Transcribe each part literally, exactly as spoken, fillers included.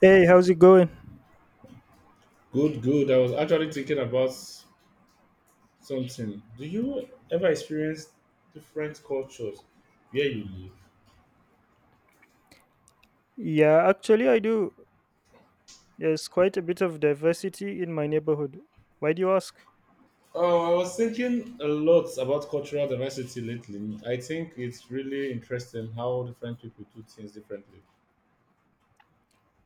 Hey, how's it going? Good, good. I was actually thinking about something. Do you ever experience different cultures where you live? Yeah, actually, I do. There's quite a bit of diversity in my neighborhood. Why do you ask? Oh, I was thinking a lot about cultural diversity lately. I think it's really interesting how different people do things differently.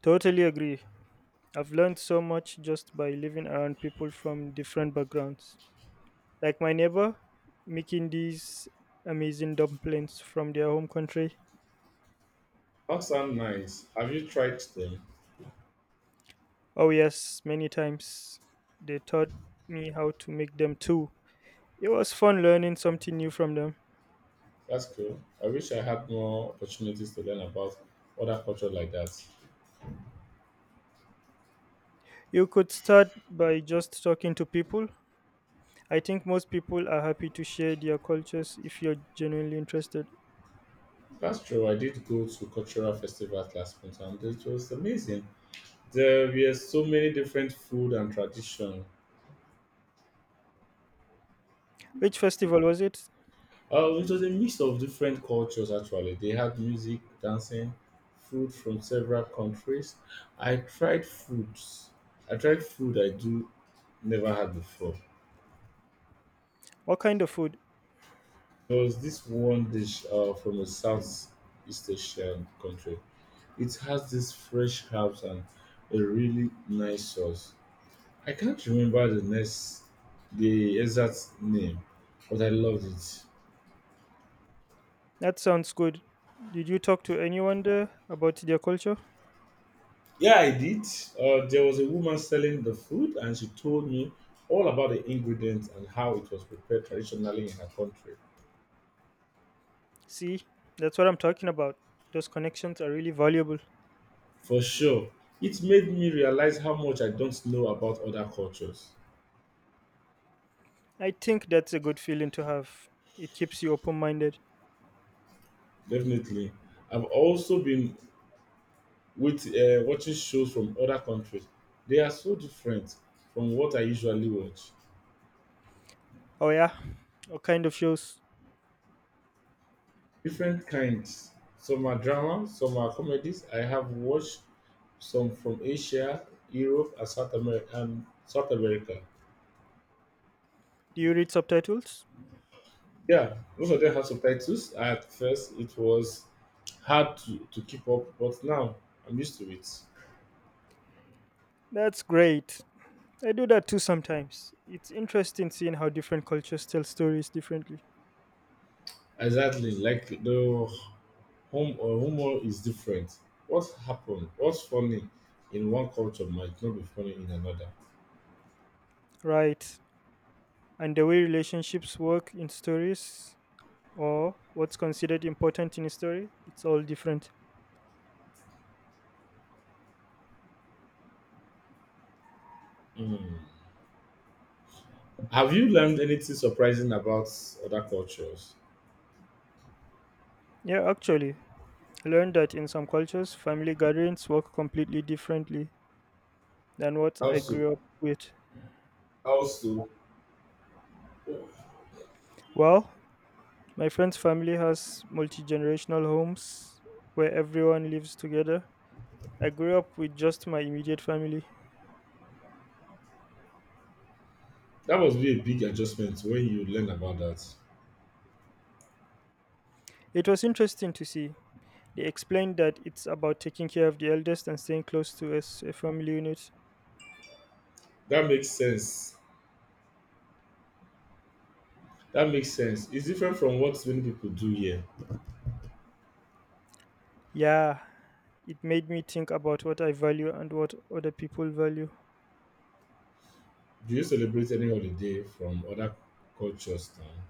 Totally agree. I've learned so much just by living around people from different backgrounds. Like my neighbor, making these amazing dumplings from their home country. That sounds nice. Have you tried them? Oh, yes, many times. They taught me how to make them too. It was fun learning something new from them. That's cool. I wish I had more opportunities to learn about other cultures like that. You could start by just talking to people. I think most people are happy to share their cultures if you're genuinely interested. That's true. I did go to cultural festivals last month and it was amazing. There were so many different food and tradition. Which festival was it? Uh, it was a mix of different cultures actually. They had music, dancing, food from several countries. I tried foods. I tried food I do never had before. What kind of food? There was this one dish uh, from a South East Asian country. It has this fresh herbs and a really nice sauce. I can't remember the next the exact name, but I loved it. That sounds good. Did you talk to anyone there about their culture? Yeah, I did. Uh, there was a woman selling the food, and she told me all about the ingredients and how it was prepared traditionally in her country. See, that's what I'm talking about. Those connections are really valuable. For sure, it made me realize how much I don't know about other cultures. I think that's a good feeling to have. It keeps you open minded. Definitely. I've also been with uh, watching shows from other countries. They are so different from what I usually watch. Oh, yeah. What kind of shows? Different kinds. Some are drama, some are comedies. I have watched some from Asia, Europe, and South America. And South America. Do you read subtitles? Yeah, most of them have subtitles. At first, it was hard to, to keep up, but now I'm used to it. That's great. I do that too sometimes. It's interesting seeing how different cultures tell stories differently. Exactly, like the home or humor is different. What happened? What's funny in one culture might not be funny in another. Right, and the way relationships work in stories or what's considered important in a story, it's all different. Mm. Have you learned anything surprising about other cultures? Yeah, actually, I learned that in some cultures, family gatherings work completely differently than what How I so? grew up with. Also, Well, my friend's family has multi generational homes where everyone lives together. I grew up with just my immediate family. that must be a big adjustment when you learn about that. It was interesting to see. They explained that it's about taking care of the eldest and staying close to us, a family unit. That makes sense. That makes sense, it's different from what many people do here. Yeah, it made me think about what I value and what other people value. Do you celebrate any holiday from other cultures now?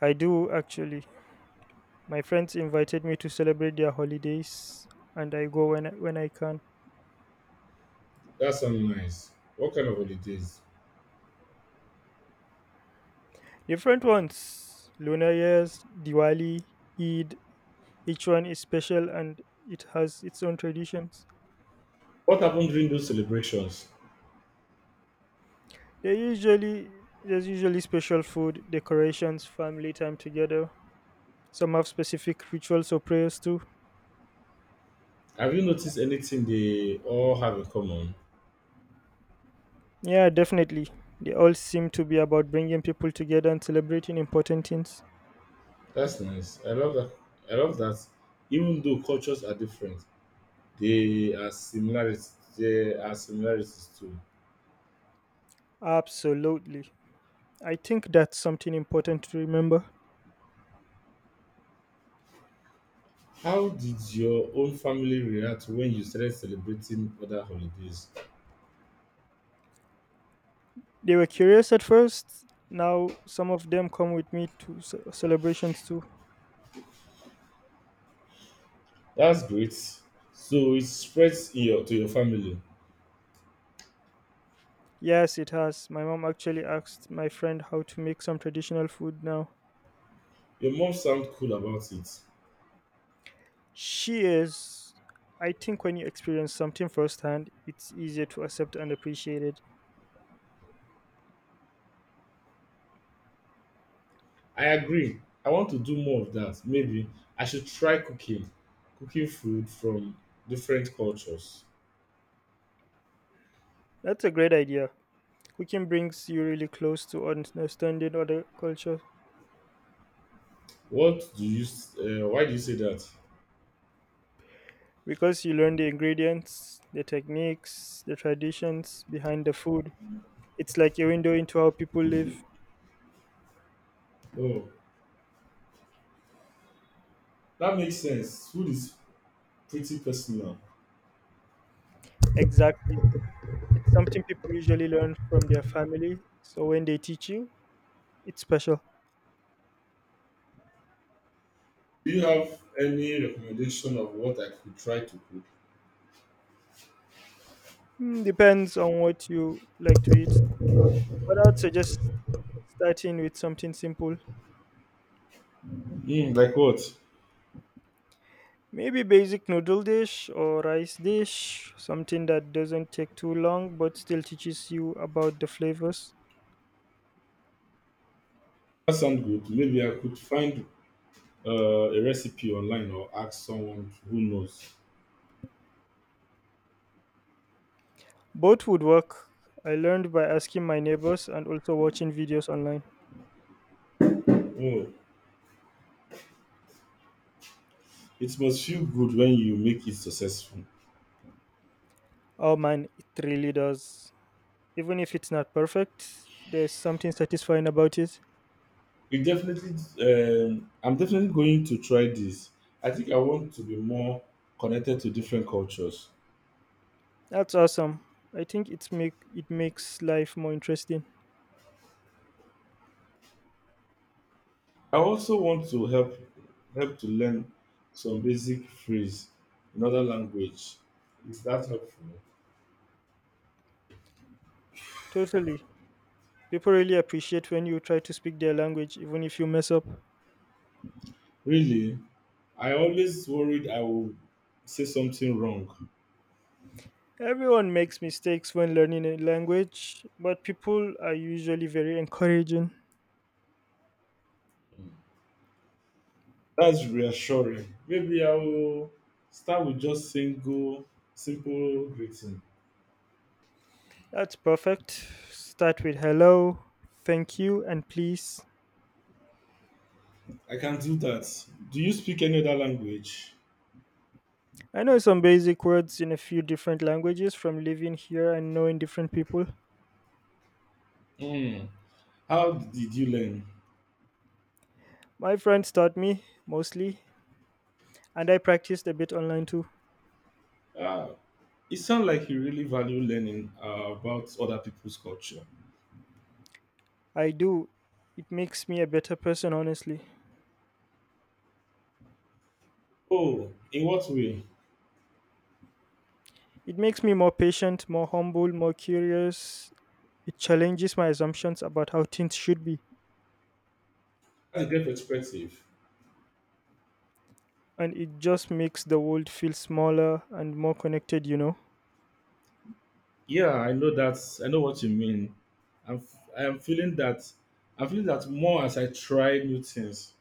I do actually. My friends invited me to celebrate their holidays and I go when I, when I can. That sounds nice. What kind of holidays? Different ones. Lunar years, Diwali, Eid, each one is special and it has its own traditions. What happened during those celebrations? They usually There's usually special food, decorations, family time together. Some have specific rituals or prayers too. Have you noticed anything they all have in common? Yeah, definitely. They all seem to be about bringing people together and celebrating important things. That's nice, I love that. I love that even though cultures are different, they are similarities, there are similarities too. Absolutely. I think that's something important to remember. How did your own family react when you started celebrating other holidays? They were curious at first. Now, some of them come with me to ce- celebrations too. That's great. So it spreads in your, to your family. Yes, it has. My mom actually asked my friend how to make some traditional food now. Your mom sounds cool about it. She is. I think when you experience something firsthand, it's easier to accept and appreciate it. I agree. I want to do more of that. Maybe I should try cooking, cooking food from different cultures. That's a great idea. Cooking brings you really close to understanding other cultures. What do you? S- Uh, why do you say that? Because you learn the ingredients, the techniques, the traditions behind the food. It's like a window into how people live. Oh, that makes sense. Food is pretty personal. Exactly. It's something people usually learn from their family. So when they teach you, it's special. Do you have any recommendation of what I could try to cook? Mm, depends on what you like to eat. But I would suggest starting with something simple. Mm, like what? Maybe basic noodle dish or rice dish, something that doesn't take too long but still teaches you about the flavors. That sounds good. Maybe I could find uh, a recipe online or ask someone who knows. Both would work. I learned by asking my neighbors and also watching videos online. Oh, it must feel good when you make it successful. Oh man, it really does. Even if it's not perfect, there's something satisfying about it. It definitely. Um, I'm definitely going to try this. I think I want to be more connected to different cultures. That's awesome. I think it's make it makes life more interesting. I also want to help help to learn some basic phrase in other language. Is that helpful? Totally. People really appreciate when you try to speak their language even if you mess up. Really, I always worried I will say something wrong. Everyone makes mistakes when learning a language, but people are usually very encouraging. That's reassuring. Maybe I will start with just single, simple greeting. That's perfect. Start with hello, thank you, and please. I can do that. Do you speak any other language? I know some basic words in a few different languages from living here and knowing different people. Hmm. How did you learn? My friends taught me mostly, and I practiced a bit online too. Ah, it sounds like you really value learning uh, about other people's culture. I do. It makes me a better person, honestly. Oh, in what way? It makes me more patient, more humble, more curious. It challenges my assumptions about how things should be, That's a great perspective. and it just makes the world feel smaller and more connected, you know? Yeah, I know that. I know what you mean. I'm, f- I am feeling that. I'm feeling that more as I try new things.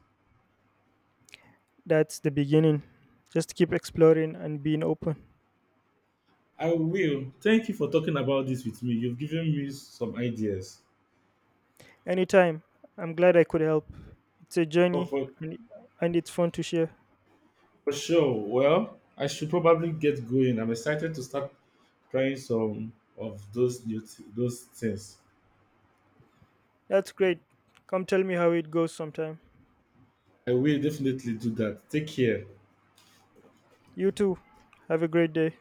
That's the beginning. Just keep exploring and being open. I will. Thank you for talking about this with me. You've given me some ideas. Anytime. I'm glad I could help. It's a Oh, journey, for, and, and it's fun to share. for sure. Well, I should probably get going. I'm excited to start trying some of those new th- those things. That's great. Come tell me how it goes sometime. I will definitely do that. Take care. You too. Have a great day.